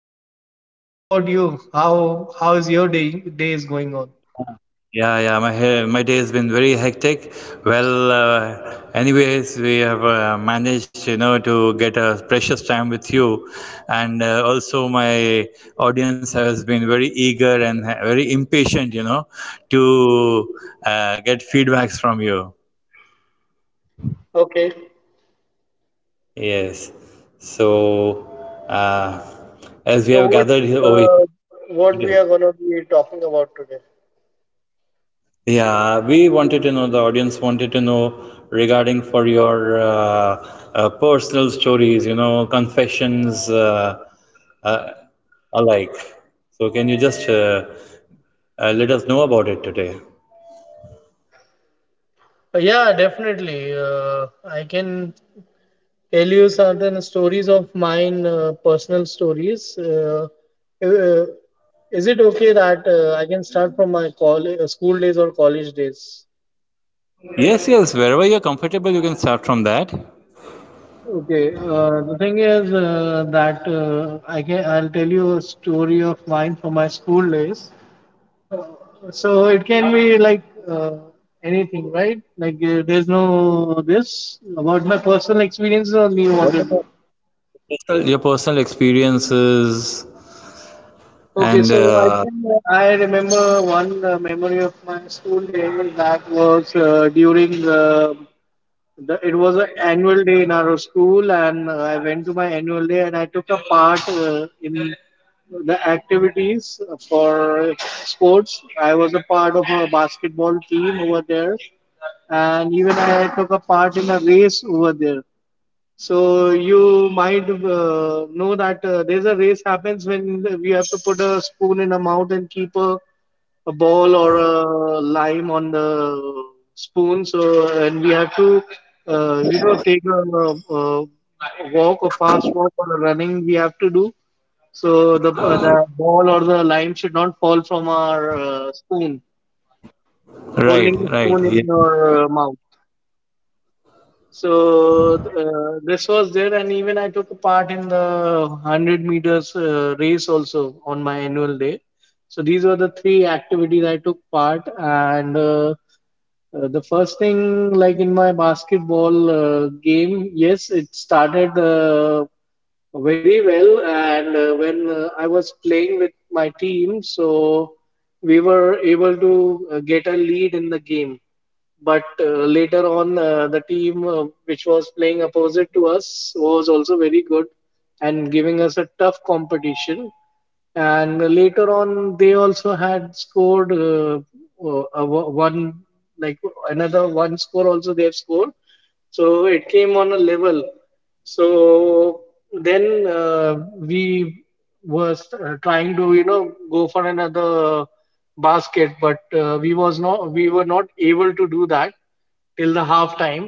Pankaj. What about you? How is your day is going on? Yeah. Yeah, yeah, my day has been very hectic. Well, anyways, we have managed, you know, to get a precious time with you, and also my audience has been very eager and very impatient, you know, to get feedbacks from you. Okay, Yes. So, uh, as we so have gathered here over uh, here. what we are gonna be talking about today? Yeah, we wanted to know, the audience wanted to know regarding for your personal stories, you know, confessions uh, alike. So can you just let us know about it today? Yeah, definitely. I can tell you certain stories of mine, personal stories. Uh, is it okay that I can start from my college, school days or college days? Yes, yes, wherever you're comfortable, you can start from that. Okay, the thing is that I'll tell you a story of mine from my school days. So it can be like uh, anything, right? Like there's no this about my personal experiences only you wanted. What To- about your personal experiences Okay, so and I think I remember one memory of my school day that was it was an annual day in our school, and I went to my annual day and I took a part in the activities for sports. I was a part of a basketball team over there, and even I took a part in a race over there. So you might know that there's a race happens when we have to put a spoon in a mouth and keep a ball or a lime on the spoon. So, and we have to, uh, you know, take a, a, walk, a fast walk, or a running we have to do. So, the ball or the lime should not fall from our spoon, holding the right, spoon right, in yeah. your mouth. So, this was there, and even I took a part in the 100 meters race also on my annual day. So these were the three activities I took part, and the first thing, like in my basketball game, yes, it started very well. And when I was playing with my team, so we were able to get a lead in the game. But later on, the team which was playing opposite to us was also very good and giving us a tough competition, and later on they also had scored a one, like another one score also they have scored, so it came on a level. So then we were trying to, you know, go for another basket, but we were not able to do that till the half time.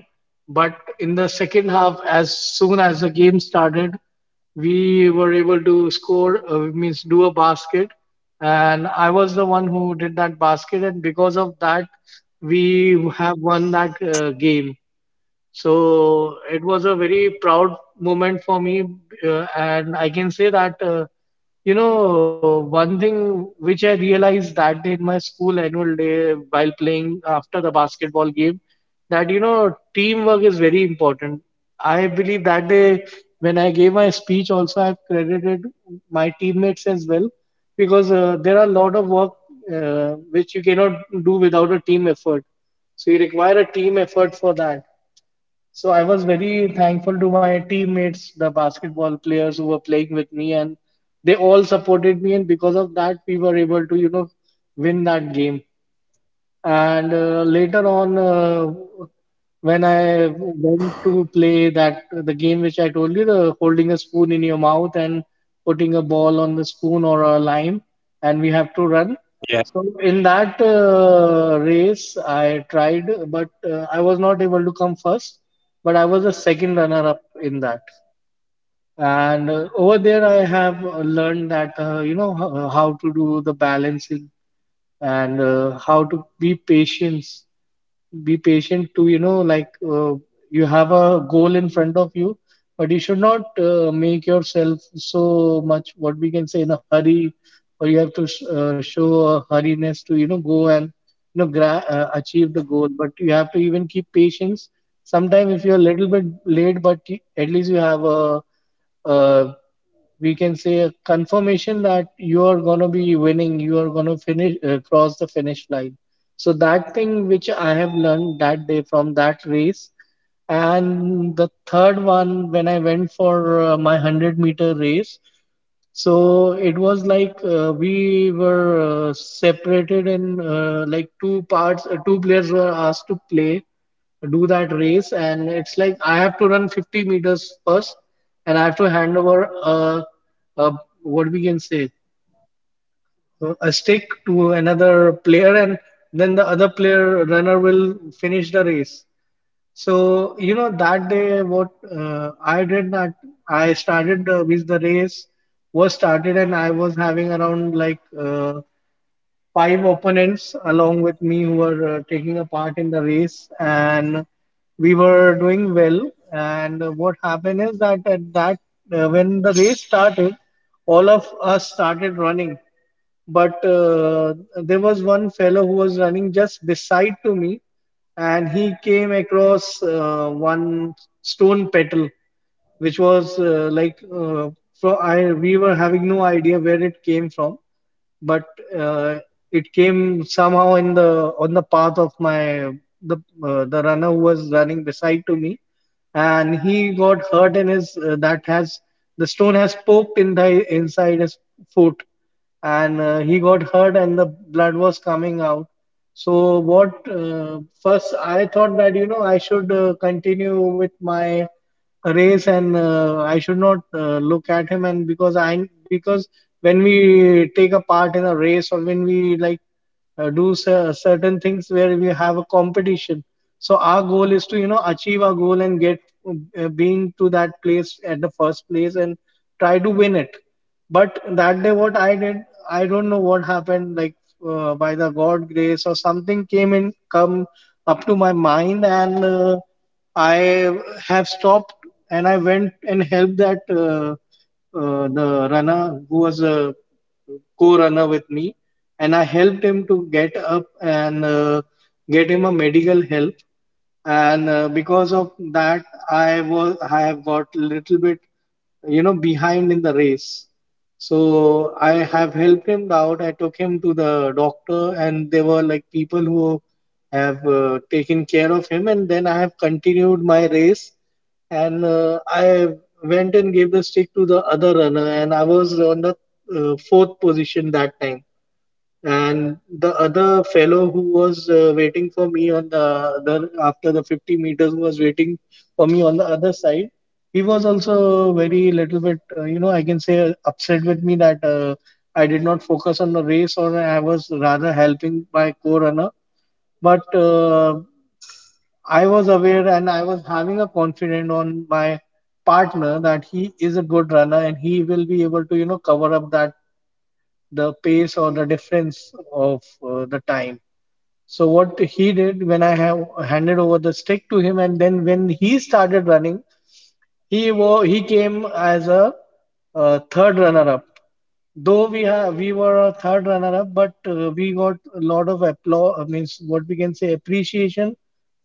But in the second half, as soon as the game started, we were able to score, means do a basket, and I was the one who did that basket, and because of that we have won that game. So it was a very proud moment for me, and I can say that you know, one thing which I realized that day in my school annual day while playing, after the basketball game, that, you know, teamwork is very important. I believe that day when I gave my speech also, I've credited my teammates as well, because there are a lot of work which you cannot do without a team effort. So you require a team effort for that. So I was very thankful to my teammates, the basketball players who were playing with me, and they all supported me. And because of that, we were able to, you know, win that game. And later on, when I went to play that the game which I told you, the holding a spoon in your mouth and putting a ball on the spoon or a lime, and we have to run. Yeah, So in that race, I tried, but I was not able to come first. But I was a second runner-up in that. And over there, I have learned that you know, h- how to do the balancing and how to be patient, to, you know, like you have a goal in front of you, but you should not make yourself so much, what we can say, in a hurry, or you have to sh- show a hurriness to, you know, go and, you know, gra- achieve the goal, but you have to even keep patience sometimes. If you're a little bit late, but y- at least you have a uh, we can say a confirmation that you are going to be winning, you are going to finish, cross the finish line. So that thing which I have learned that day from that race. And the third one, when I went for my 100-meter race, so it was like we were separated in like two parts, two players were asked to play, do that race. And it's like I have to run 50 meters first, and I have to hand over, uh, what we can say, a stick to another player, and then the other player runner will finish the race. So, you know, that day what I did that, I started with the race was started and I was having around, like, five opponents along with me who were taking a part in the race, and we were doing well. And what happened is that at that, when the race started, all of us started running, but there was one fellow who was running just beside to me, and he came across one stone petal which was like we were having no idea where it came from, but it came somehow in the on the path of my the the runner who was running beside to me, and he got hurt in his that has, the stone has poked in the inside his foot, and he got hurt and the blood was coming out. So what, first I thought that, you know, I should continue with my race and I should not look at him, and because when we take a part in a race, or when we like do cer- certain things where we have a competition, so our goal is to, you know, achieve our goal and get being to that place at the first place and try to win it. But that day, what I did, I don't know what happened, like by the god grace or something came in, come up to my mind, and I have stopped and I went and helped that the runner who was a co-runner with me, and I helped him to get up and get him a medical help. And because of that, I have got a little bit, you know, behind in the race. So I have helped him out. I took him to the doctor, and there were, like, people who have taken care of him. And then I have continued my race, and I went and gave the stick to the other runner, and I was on the fourth position that time. And the other fellow who was waiting for me on the other, after the 50 meters, who was waiting for me on the other side, he was also very little bit, you know, I can say upset with me that I did not focus on the race, or I was rather helping my co runner. But I was aware and I was having a confidence on my partner that he is a good runner and he will be able to, you know, cover up that the pace or the difference of the time. So what he did, when I have handed over the stick to him, and then when he started running, he wa- he came as a third runner up. Though we were a third runner up, but we got a lot of applause, means, what we can say, appreciation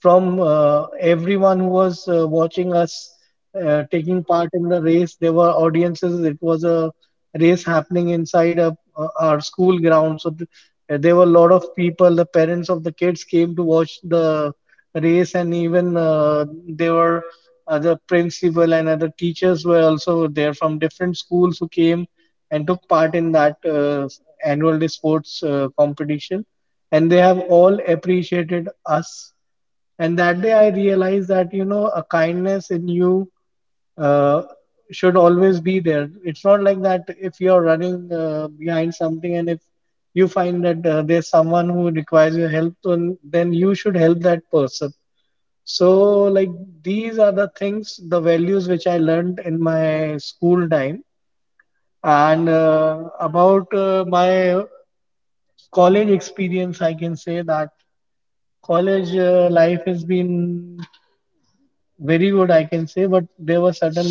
from everyone who was watching us taking part in the race. There were audiences, it was a race happening inside a, our school ground. So th- there were a lot of people, the parents of the kids came to watch the race, and even there were other principal and other teachers were also there from different schools, who came and took part in that annual day sports competition. And they have all appreciated us. And that day I realized that, you know, a kindness in you uh, should always be there. It's not like that if you're running behind something, and if you find that there's someone who requires your help, then you should help that person. So, like, these are the things, the values which I learned in my school time. And about my college experience, I can say that college life has been very good, I can say, but there were certain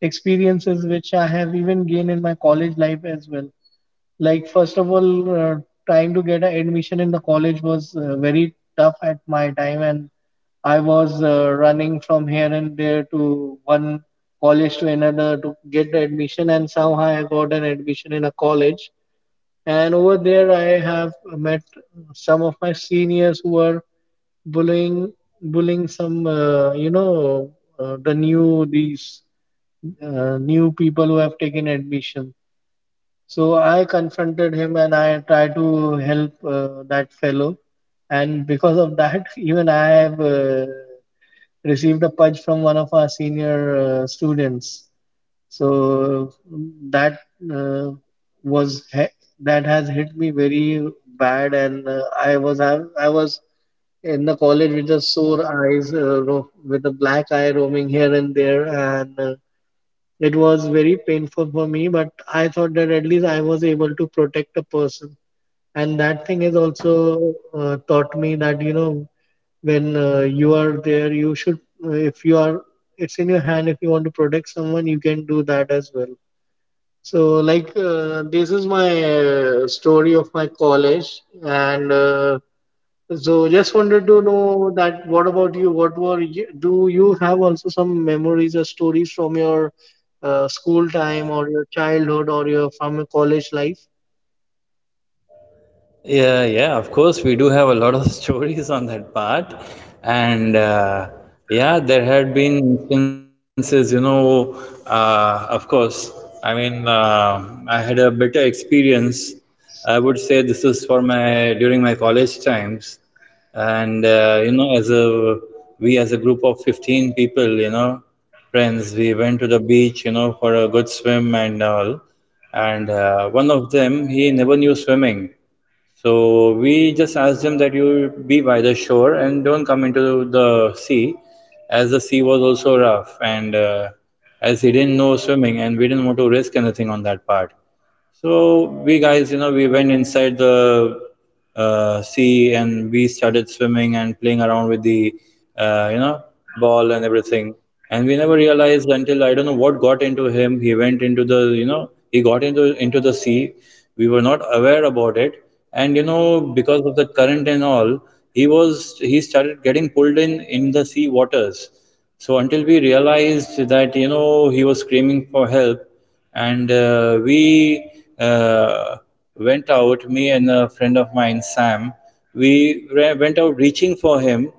experiences which I have even gained in my college life as well. Like, first of all, trying to get an admission in the college was very tough at my time, and I was running from here and there to one college to another to get the admission, and somehow I got an admission in a college and over there, I have met some of my seniors who are bullying, bullying some, the new people who have taken admission. So I confronted him and I tried to help that fellow. And because of that, even I have received a punch from one of our senior students. So that uh, was he- that has hit me very bad, and I was I was in the college with the sore eyes, with a black eye roaming here and there, and it was very painful for me, but I thought that at least I was able to protect a person. And that thing has also taught me that, you know, when you are there, you should, if you are, it's in your hand, if you want to protect someone, you can do that as well. So, like, this is my story of my college, and so just wanted to know that what about you? What were you, do you have also some memories or stories from your school time or your childhood or your from your college life? Yeah, yeah, of course, we do have a lot of stories on that part. And yeah, there had been instances, you know, of course, I mean, I had a better experience. I would say this is for my college times. And you know, as a group of 15 people, you know, friends, we went to the beach, you know, for a good swim and all. And one of them, he never knew swimming. So we just asked them that you be by the shore and don't come into the sea, as the sea was also rough and as he didn't know swimming and we didn't want to risk anything on that part. So we guys, you know, we went inside the sea and we started swimming and playing around with the, you know, ball and everything. And we never realized until I don't know what got into him. He went into the, you know, he got into the sea, we were not aware about it, and you know, because of the current and all, he started getting pulled in the sea waters. So until we realized that, you know, he was screaming for help, and we uh, went out, me and a friend of mine, Sam, we went out reaching for him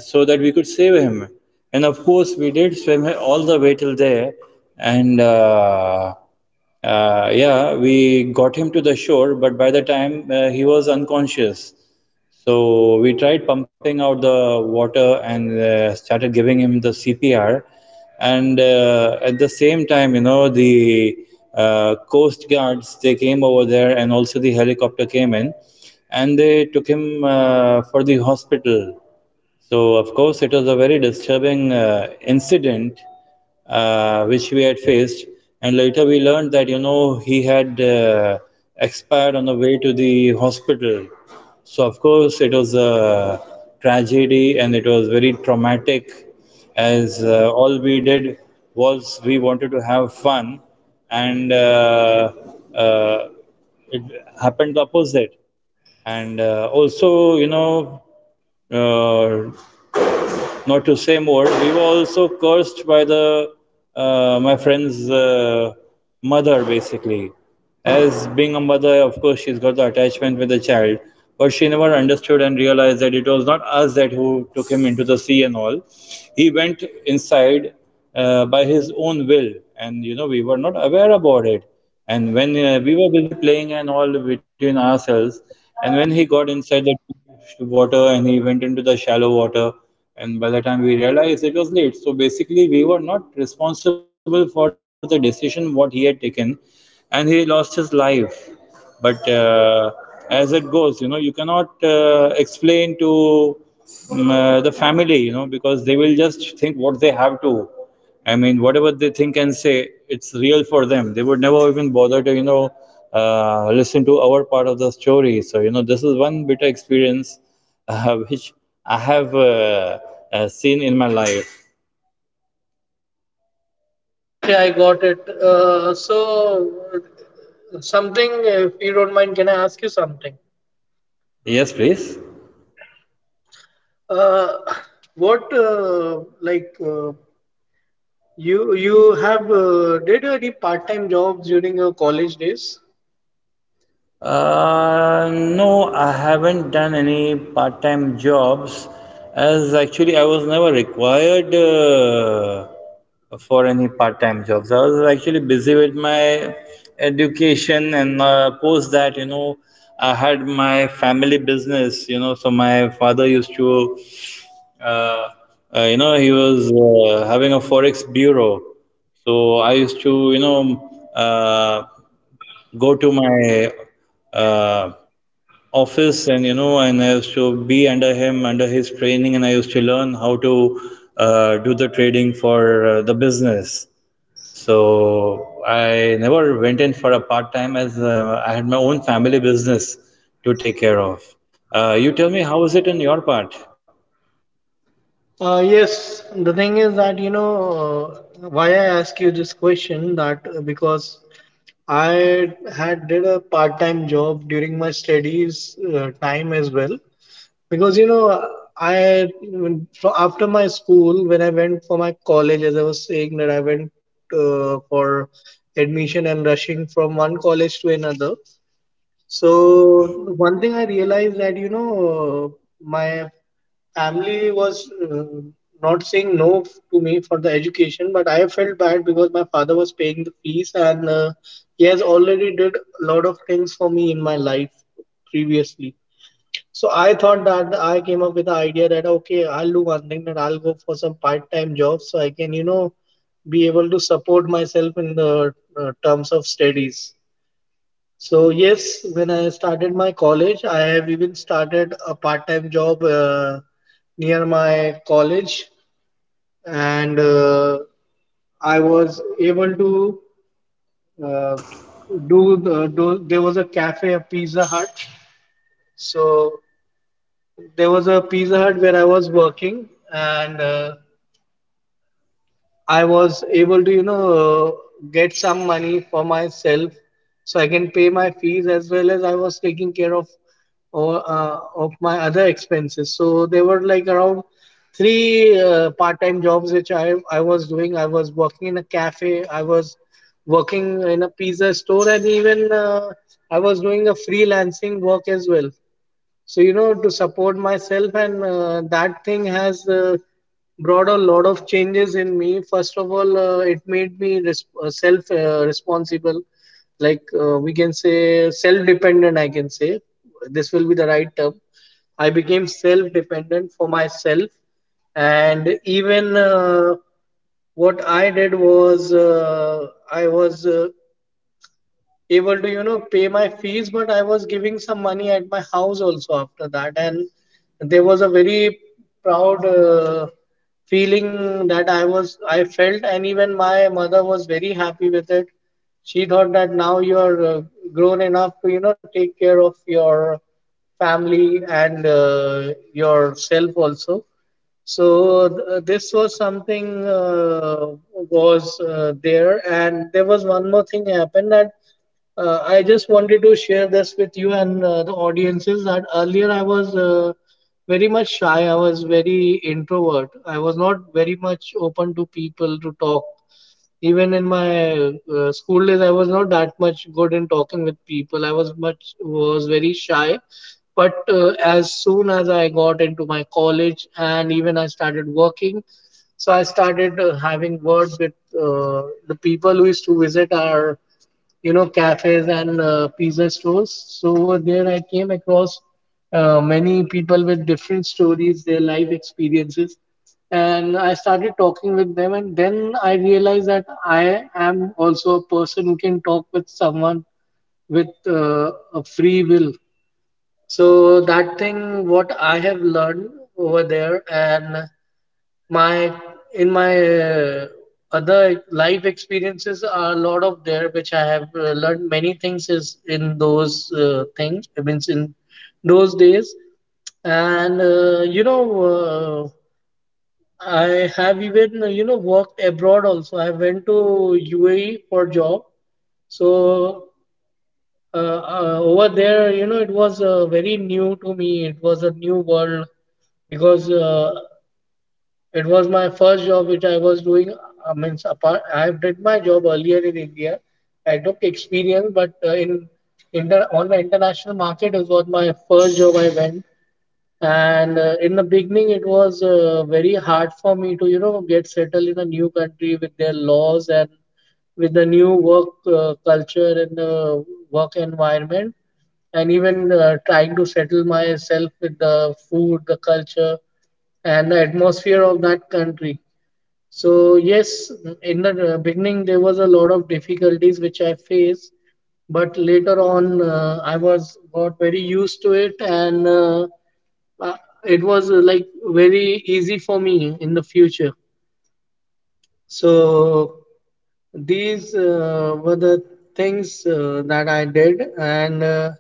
so that we could save him. And of course, we did swim all the way till there, and yeah, we got him to the shore, but by the time he was unconscious. So we tried pumping out the water and started giving him the CPR. And at the same time, you know, the coast guards, they came over there, and also the helicopter came in, and they took him for the hospital. So, of course, it was a very disturbing incident which we had faced, and later we learned that, you know, he had expired on the way to the hospital. So, of course, it was a tragedy and it was very traumatic, as all we did was we wanted to have fun, and uh, it happened the opposite. And also, you know, uh, not to say more, we were also cursed by the my friend's mother basically. As being a mother, of course, she's got the attachment with the child, but she never understood and realized that it was not us that who took him into the sea and all. He went inside by his own will, and you know, we were not aware about it. And when we were busy playing and all between ourselves, and when he got inside the water and he went into the shallow water, and by the time we realized, it was late. So basically, we were not responsible for the decision what he had taken, and he lost his life. But as it goes, you know, you cannot explain to the family, you know, because they will just think what they have to, I mean, whatever they think and say, it's real for them. They would never even bother to, you know, listen to our part of the story. So, you know, this is one bitter experience which I have seen in my life. Okay, I got it. So, something, if you don't mind, can I ask you something? Yes, please. Uh, what, you have did any part-time jobs during your college days? No, I haven't done any part-time jobs, as actually I was never required for any part-time jobs. I was actually busy with my education, and post that, you know, I had my family business, you know. So my father used to, you know, he was having a forex bureau. So I used to, you know, go to my uh, office, and you know, and I used to be under him, under his training, and I used to learn how to do the trading for the business. So I never went in for a part time, as I had my own family business to take care of. Uh, you tell me how is it on your part. Yes, the thing is that you know why I ask you this question that because I had did a part-time job during my studies time as well because you know after my school when I went for my college as I was saying that I went for admission and rushing from one college to another so one thing I realized that you know my family was not saying no to me for the education, but I felt bad because my father was paying the fees and he has already did a lot of things for me in my life previously. So I thought that I came up with the idea that okay, I'll do one thing that I'll go for some part-time job so I can you know be able to support myself in the terms of studies. So yes, when I started my college, I have even started a part-time job near my college, and I was able to uh, do. There was a cafe, a Pizza Hut. So there was a Pizza Hut where I was working, and I was able to, you know, get some money for myself so I can pay my fees as well as I was taking care of or of my other expenses. So there were like around three part-time jobs which I was doing. I was working in a cafe. I was working in a pizza store, and even I was doing a freelancing work as well. So, you know, to support myself, and that thing has brought a lot of changes in me. First of all, it made me self responsible, like we can say self dependent, I can say. This will be the right term. I became self dependent for myself, and even what I did was I was able to you know pay my fees, but I was giving some money at my house also after that, and there was a very proud feeling that I was I felt, and even my mother was very happy with it. She thought that now you are grown enough to you know take care of your family and yourself also. So this was something was there, and there was one more thing happened that I just wanted to share this with you and the audiences that earlier I was very much shy. I was very introvert. I was not very much open to people to talk. Even in my school days, I was not that much good in talking with people. I was very shy. But as soon as I got into my college and even I started working, so I started having words with the people who used to visit our you know cafes and pizza stores, so over there I came across many people with different stories, their life experiences, and I started talking with them, and then I realized that I am also a person who can talk with someone with a free will. So that thing what I have learned over there, and my in my other life experiences are a lot of there which I have learned many things is in those things, I means in those days. And uh, I have even you know worked abroad also. I went to UAE for job. So over there you know it was very new to me. It was a new world because it was my first job which I was doing. I mean, apart, I did my job earlier in India. I took experience, but in the, on the international market, it was my first job I went. And in the beginning it was very hard for me to you know get settled in a new country with their laws and with the new work culture and the work environment, and even trying to settle myself with the food, the culture, and the atmosphere of that country. So yes, in the beginning there was a lot of difficulties which I faced, but later on I was got very used to it, and uh, it was like very easy for me in the future. So these were the things that I did, and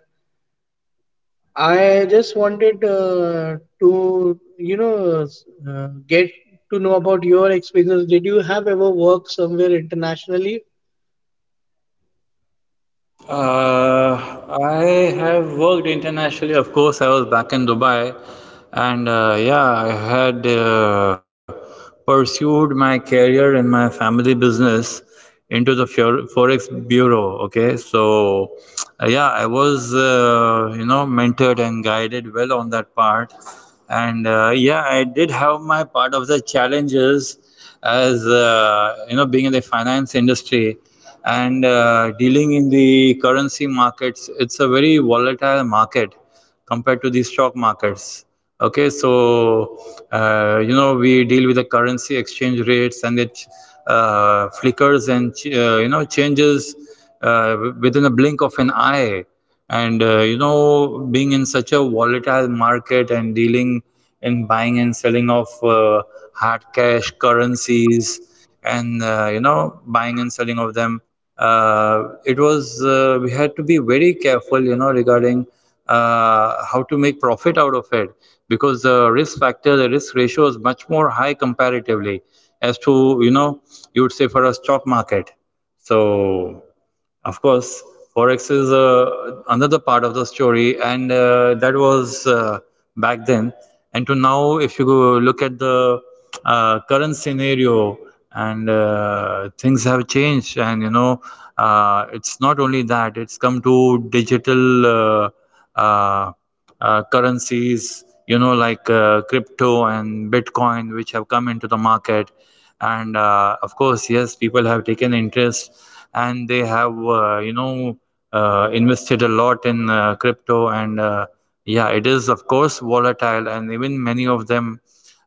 I just wanted to, you know, get to know about your experience. Did you have ever worked somewhere internationally? I have worked internationally. Of course, I was back in Dubai, and yeah, I had pursued my career in my family business, into the forex bureau. Okay, so yeah, I was you know, mentored and guided well on that part. And yeah, I did have my part of the challenges, as you know, being in the finance industry and dealing in the currency markets, it's a very volatile market compared to the stock markets. Okay, so you know, we deal with the currency exchange rates, and it flickers and you know, changes within a blink of an eye. And you know, being in such a volatile market and dealing in buying and selling of hard cash currencies, and you know, buying and selling of them, it was we had to be very careful, you know, regarding how to make profit out of it, because the risk factor, the risk ratio is much more high comparatively as to, you know, you would say for a stock market. So, of course, forex is another part of the story, and that was back then. And to now, if you go look at the current scenario, and things have changed, and you know, it's not only that; it's come to digital. Uh, Currencies, you know, like crypto and Bitcoin, which have come into the market. And of course, yes, people have taken interest, and they have, you know, invested a lot in crypto. And yeah, it is, of course, volatile. And even many of them,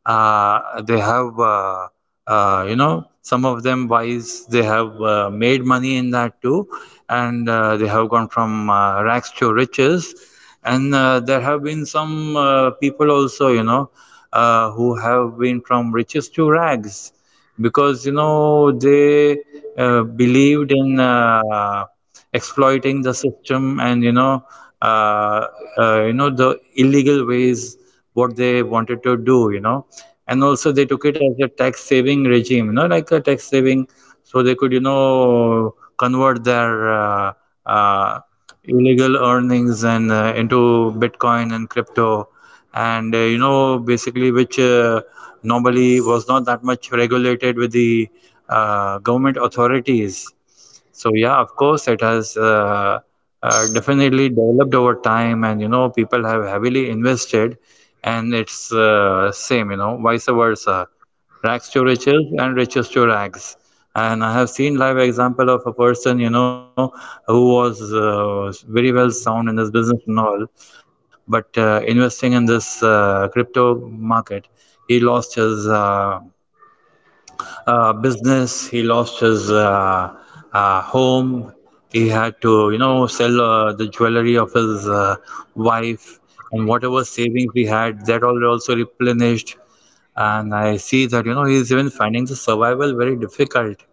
they have. You know, some of them wise, they have made money in that too. And they have gone from rags to riches. And there have been some people also, you know, who have been from riches to rags, because you know, they believed in exploiting the system, and you know, you know, the illegal ways, what they wanted to do, you know. And also, they took it as a tax saving regime, you know, like a tax saving. So they could, you know, convert their uh, illegal earnings and into Bitcoin and crypto. And you know, basically which normally was not that much regulated with the government authorities. So yeah, of course, it has definitely developed over time, and you know, people have heavily invested, and it's same, you know, vice versa, rags to riches and riches to rags. And I have seen live example of a person, you know, who was very well sound in this business and all, but investing in this crypto market, he lost his business. He lost his home. He had to, you know, sell the jewelry of his wife and whatever savings he had, that all also replenished. And I see that, you know, he's even finding the survival very difficult.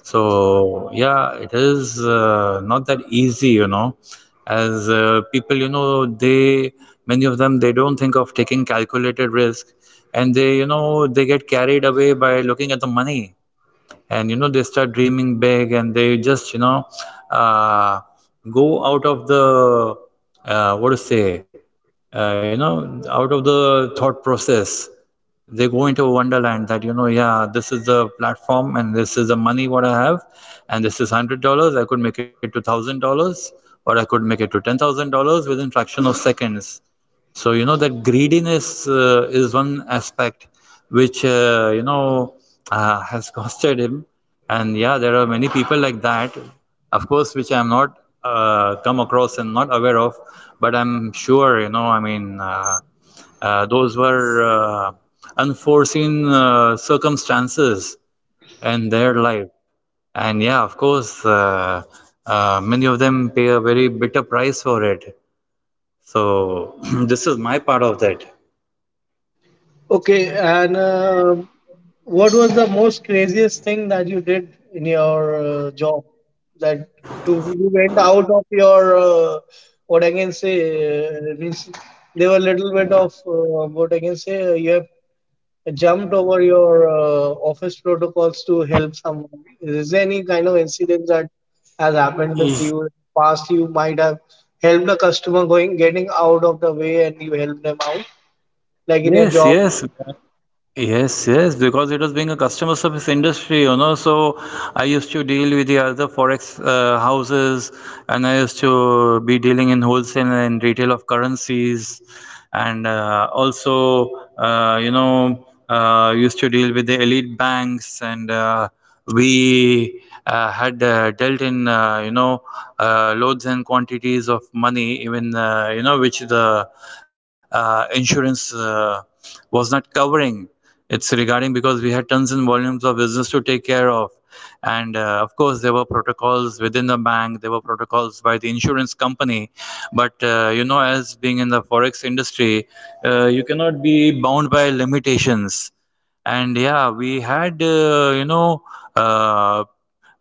So yeah, it is not that easy, as people, you know, they many of them they don't think of taking calculated risk, and they, you know, they get carried away by looking at the money. And you know they start dreaming big, and they just uh, go out of the what to say you know out of the thought process. They go into a wonderland that, you know, yeah, this is the platform and this is the money what I have. And this is $100, I could make it to $1,000, or I could make it to $10,000 within fraction of seconds. So you know that greediness is one aspect which has costed him. And yeah, there are many people like that, of course, which I am not come across and not aware of. But I'm sure, you know, I mean, those were unforeseen circumstances in their life. And yeah, of course, many of them pay a very bitter price for it. So this is my part of that. Okay, and what was the most craziest thing that you did in your job? That to you went out of your what I can say means there were little bit of what I can say you have jumped over your office protocols to help someone? Is there any kind of incident that has happened with you in the past? You might have helped a customer going getting out of the way and you helped them out, like in your Yes, job. yes. Yes, yes, because it was being a customer service industry, you know. So I used to deal with the other forex houses, and I used to be dealing in wholesale and retail of currencies, and also, you know, used to deal with the elite banks, and we had dealt in, you know, loads and quantities of money, even, you know, which the insurance was not covering, it's regarding, because we had tons and volumes of business to take care of. And of course there were protocols within the bank, there were protocols by the insurance company, but you know, as being in the forex industry, you cannot be bound by limitations. And yeah, we had, uh,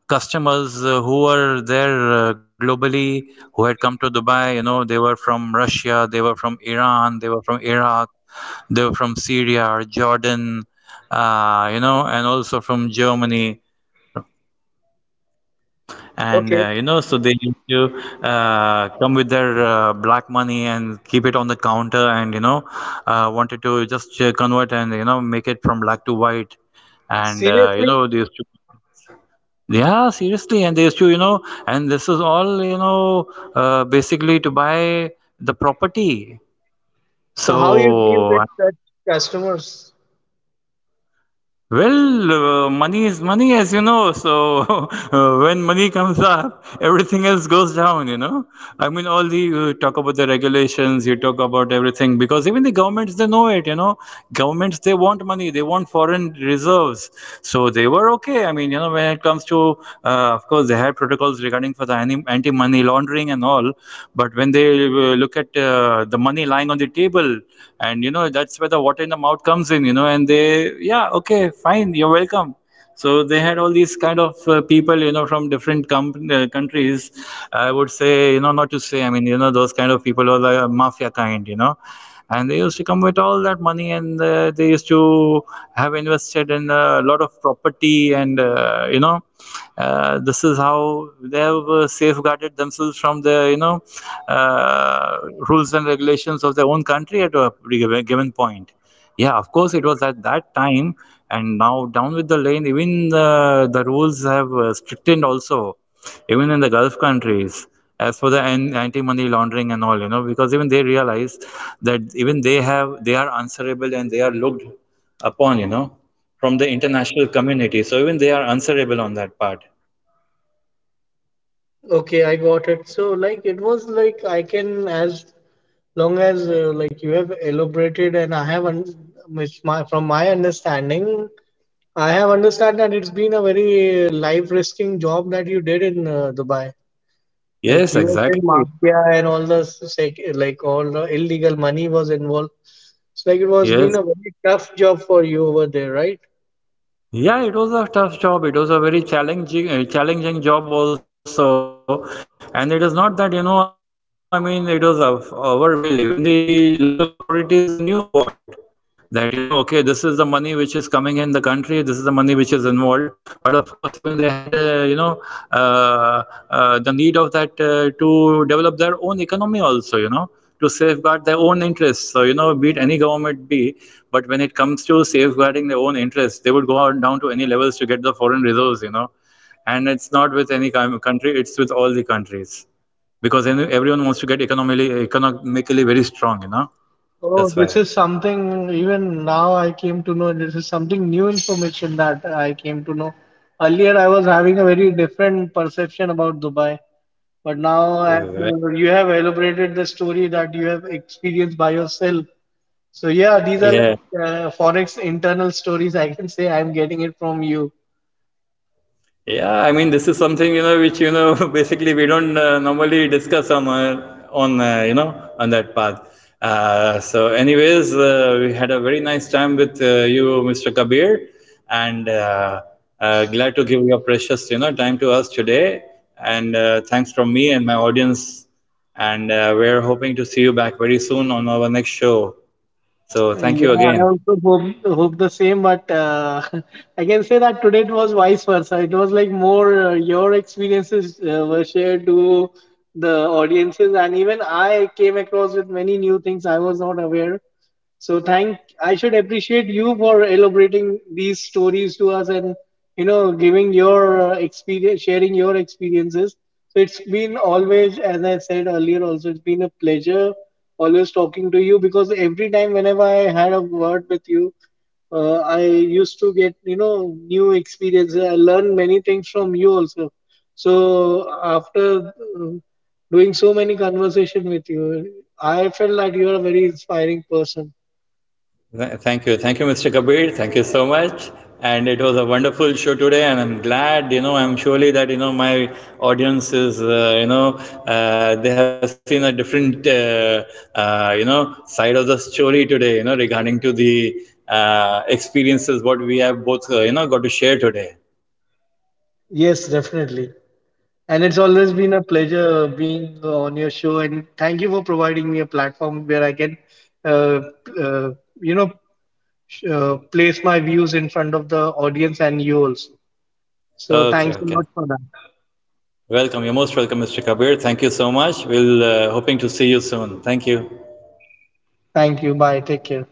customers who were there globally, who had come to Dubai. You know, they were from Russia, they were from Iran, they were from Iraq, they were from Syria or Jordan, you know, and also from Germany. And Okay, you know, so they used to come with their black money and keep it on the counter, and, you know, wanted to just convert and, you know, make it from black to white, and you seriously. know they used to. Yeah, seriously, and they used to, you know, and this is all, you know, basically to buy the property. So how you deal So, with such customers? well, money is money, as you know. So when money comes up, everything else goes down. You know, I mean, all the you talk about the regulations, you talk about everything, because even the governments they know it. You know, governments they want money, they want foreign reserves. So they were okay. I mean, you know, when it comes to, of course, they had protocols regarding for the anti-money laundering and all. But when they look at the money lying on the table, and you know that's where the water in the mouth comes in, you know, and they, yeah, okay, fine, you're welcome. So they had all these kind of people, you know, from different countries. I would say, you know, not to say, I mean, you know, those kind of people are the mafia kind, you know. And they used to come with all that money, and they used to have invested in a lot of property. And this is how they have safeguarded themselves from the rules and regulations of their own country at a given point. Yeah, of course, it was at that time, and now down with the lane, even the rules have strictened also, even in the Gulf countries, as for the anti-money laundering and all, you know, because even they realize that even they have, they are answerable, and they are looked upon, you know, from the international community. So even they are answerable on that part. Okay, I got it. So like it was like I can as long as like you have elaborated and I have which my from my understanding I have understand that it's been a very life-risking job that you did in Dubai. Like Yes, you were saying, exactly. mafia and all the sec like all the illegal money was involved. It's like it was been Yes. a very tough job for you over there, right? Yeah, it was a tough job. It was a very challenging, challenging job also. And it is not that, you know, I mean, it was of our will. Even the local authorities, they knew about it, that, you know, okay, this is the money which is coming in the country, this is the money which is involved. But of course even they had, the need of that to develop their own economy also, you know, to safeguard their own interests. So, you know, be it any government, be, but when it comes to safeguarding their own interests, they would go on down to any levels to get the foreign reserves, you know. And it's not with any country, it's with all the countries, because everyone wants to get economically very strong, you know. That's why. Oh, this is something even now I came to know. This is something new information that I came to know. Earlier, I was having a very different perception about Dubai, but now as Uh, you have elaborated the story that you have experienced by yourself. So yeah, these are Yeah. like forex internal stories. I can say I'm getting it from you. Yeah, I mean this is something, you know, which, you know, basically we don't normally discuss on you know, on that path. So anyways, we had a very nice time with you, Mr. Kabir, and glad to give your precious, you know, time to us today. And thanks from me and my audience. And we're hoping to see you back very soon on our next show. So thank Yeah, you I again. also hope the same, but I can say that today it was vice versa. It was like more your experiences were shared to the audiences, and even I came across with many new things I was not aware. So thank I should appreciate you for elaborating these stories to us and you know giving your experience, sharing your experiences. So it's been always, as I said earlier, also it's been a pleasure always talking to you because every time whenever I had a word with you, I used to get you know new experiences. I learned many things from you also. So after doing so many conversation with you, I felt that you are a very inspiring person. Thank you. Thank you, Mr. Kabir. Thank you so much. And it was a wonderful show today. And I'm glad, you know, I'm surely that, you know, my audience is, they have seen a different, you know, side of the story today, you know, regarding to the experiences what we have both, you know, got to share today. Yes, definitely. And it's always been a pleasure being on your show. And thank you for providing me a platform where I can, uh, uh, you know, place my views in front of the audience and you also. So Okay, thanks a okay. lot for that. Welcome. You're most welcome, Mr. Kabir. Thank you so much. We'll hoping to see you soon. Thank you. Thank you. Bye. Take care.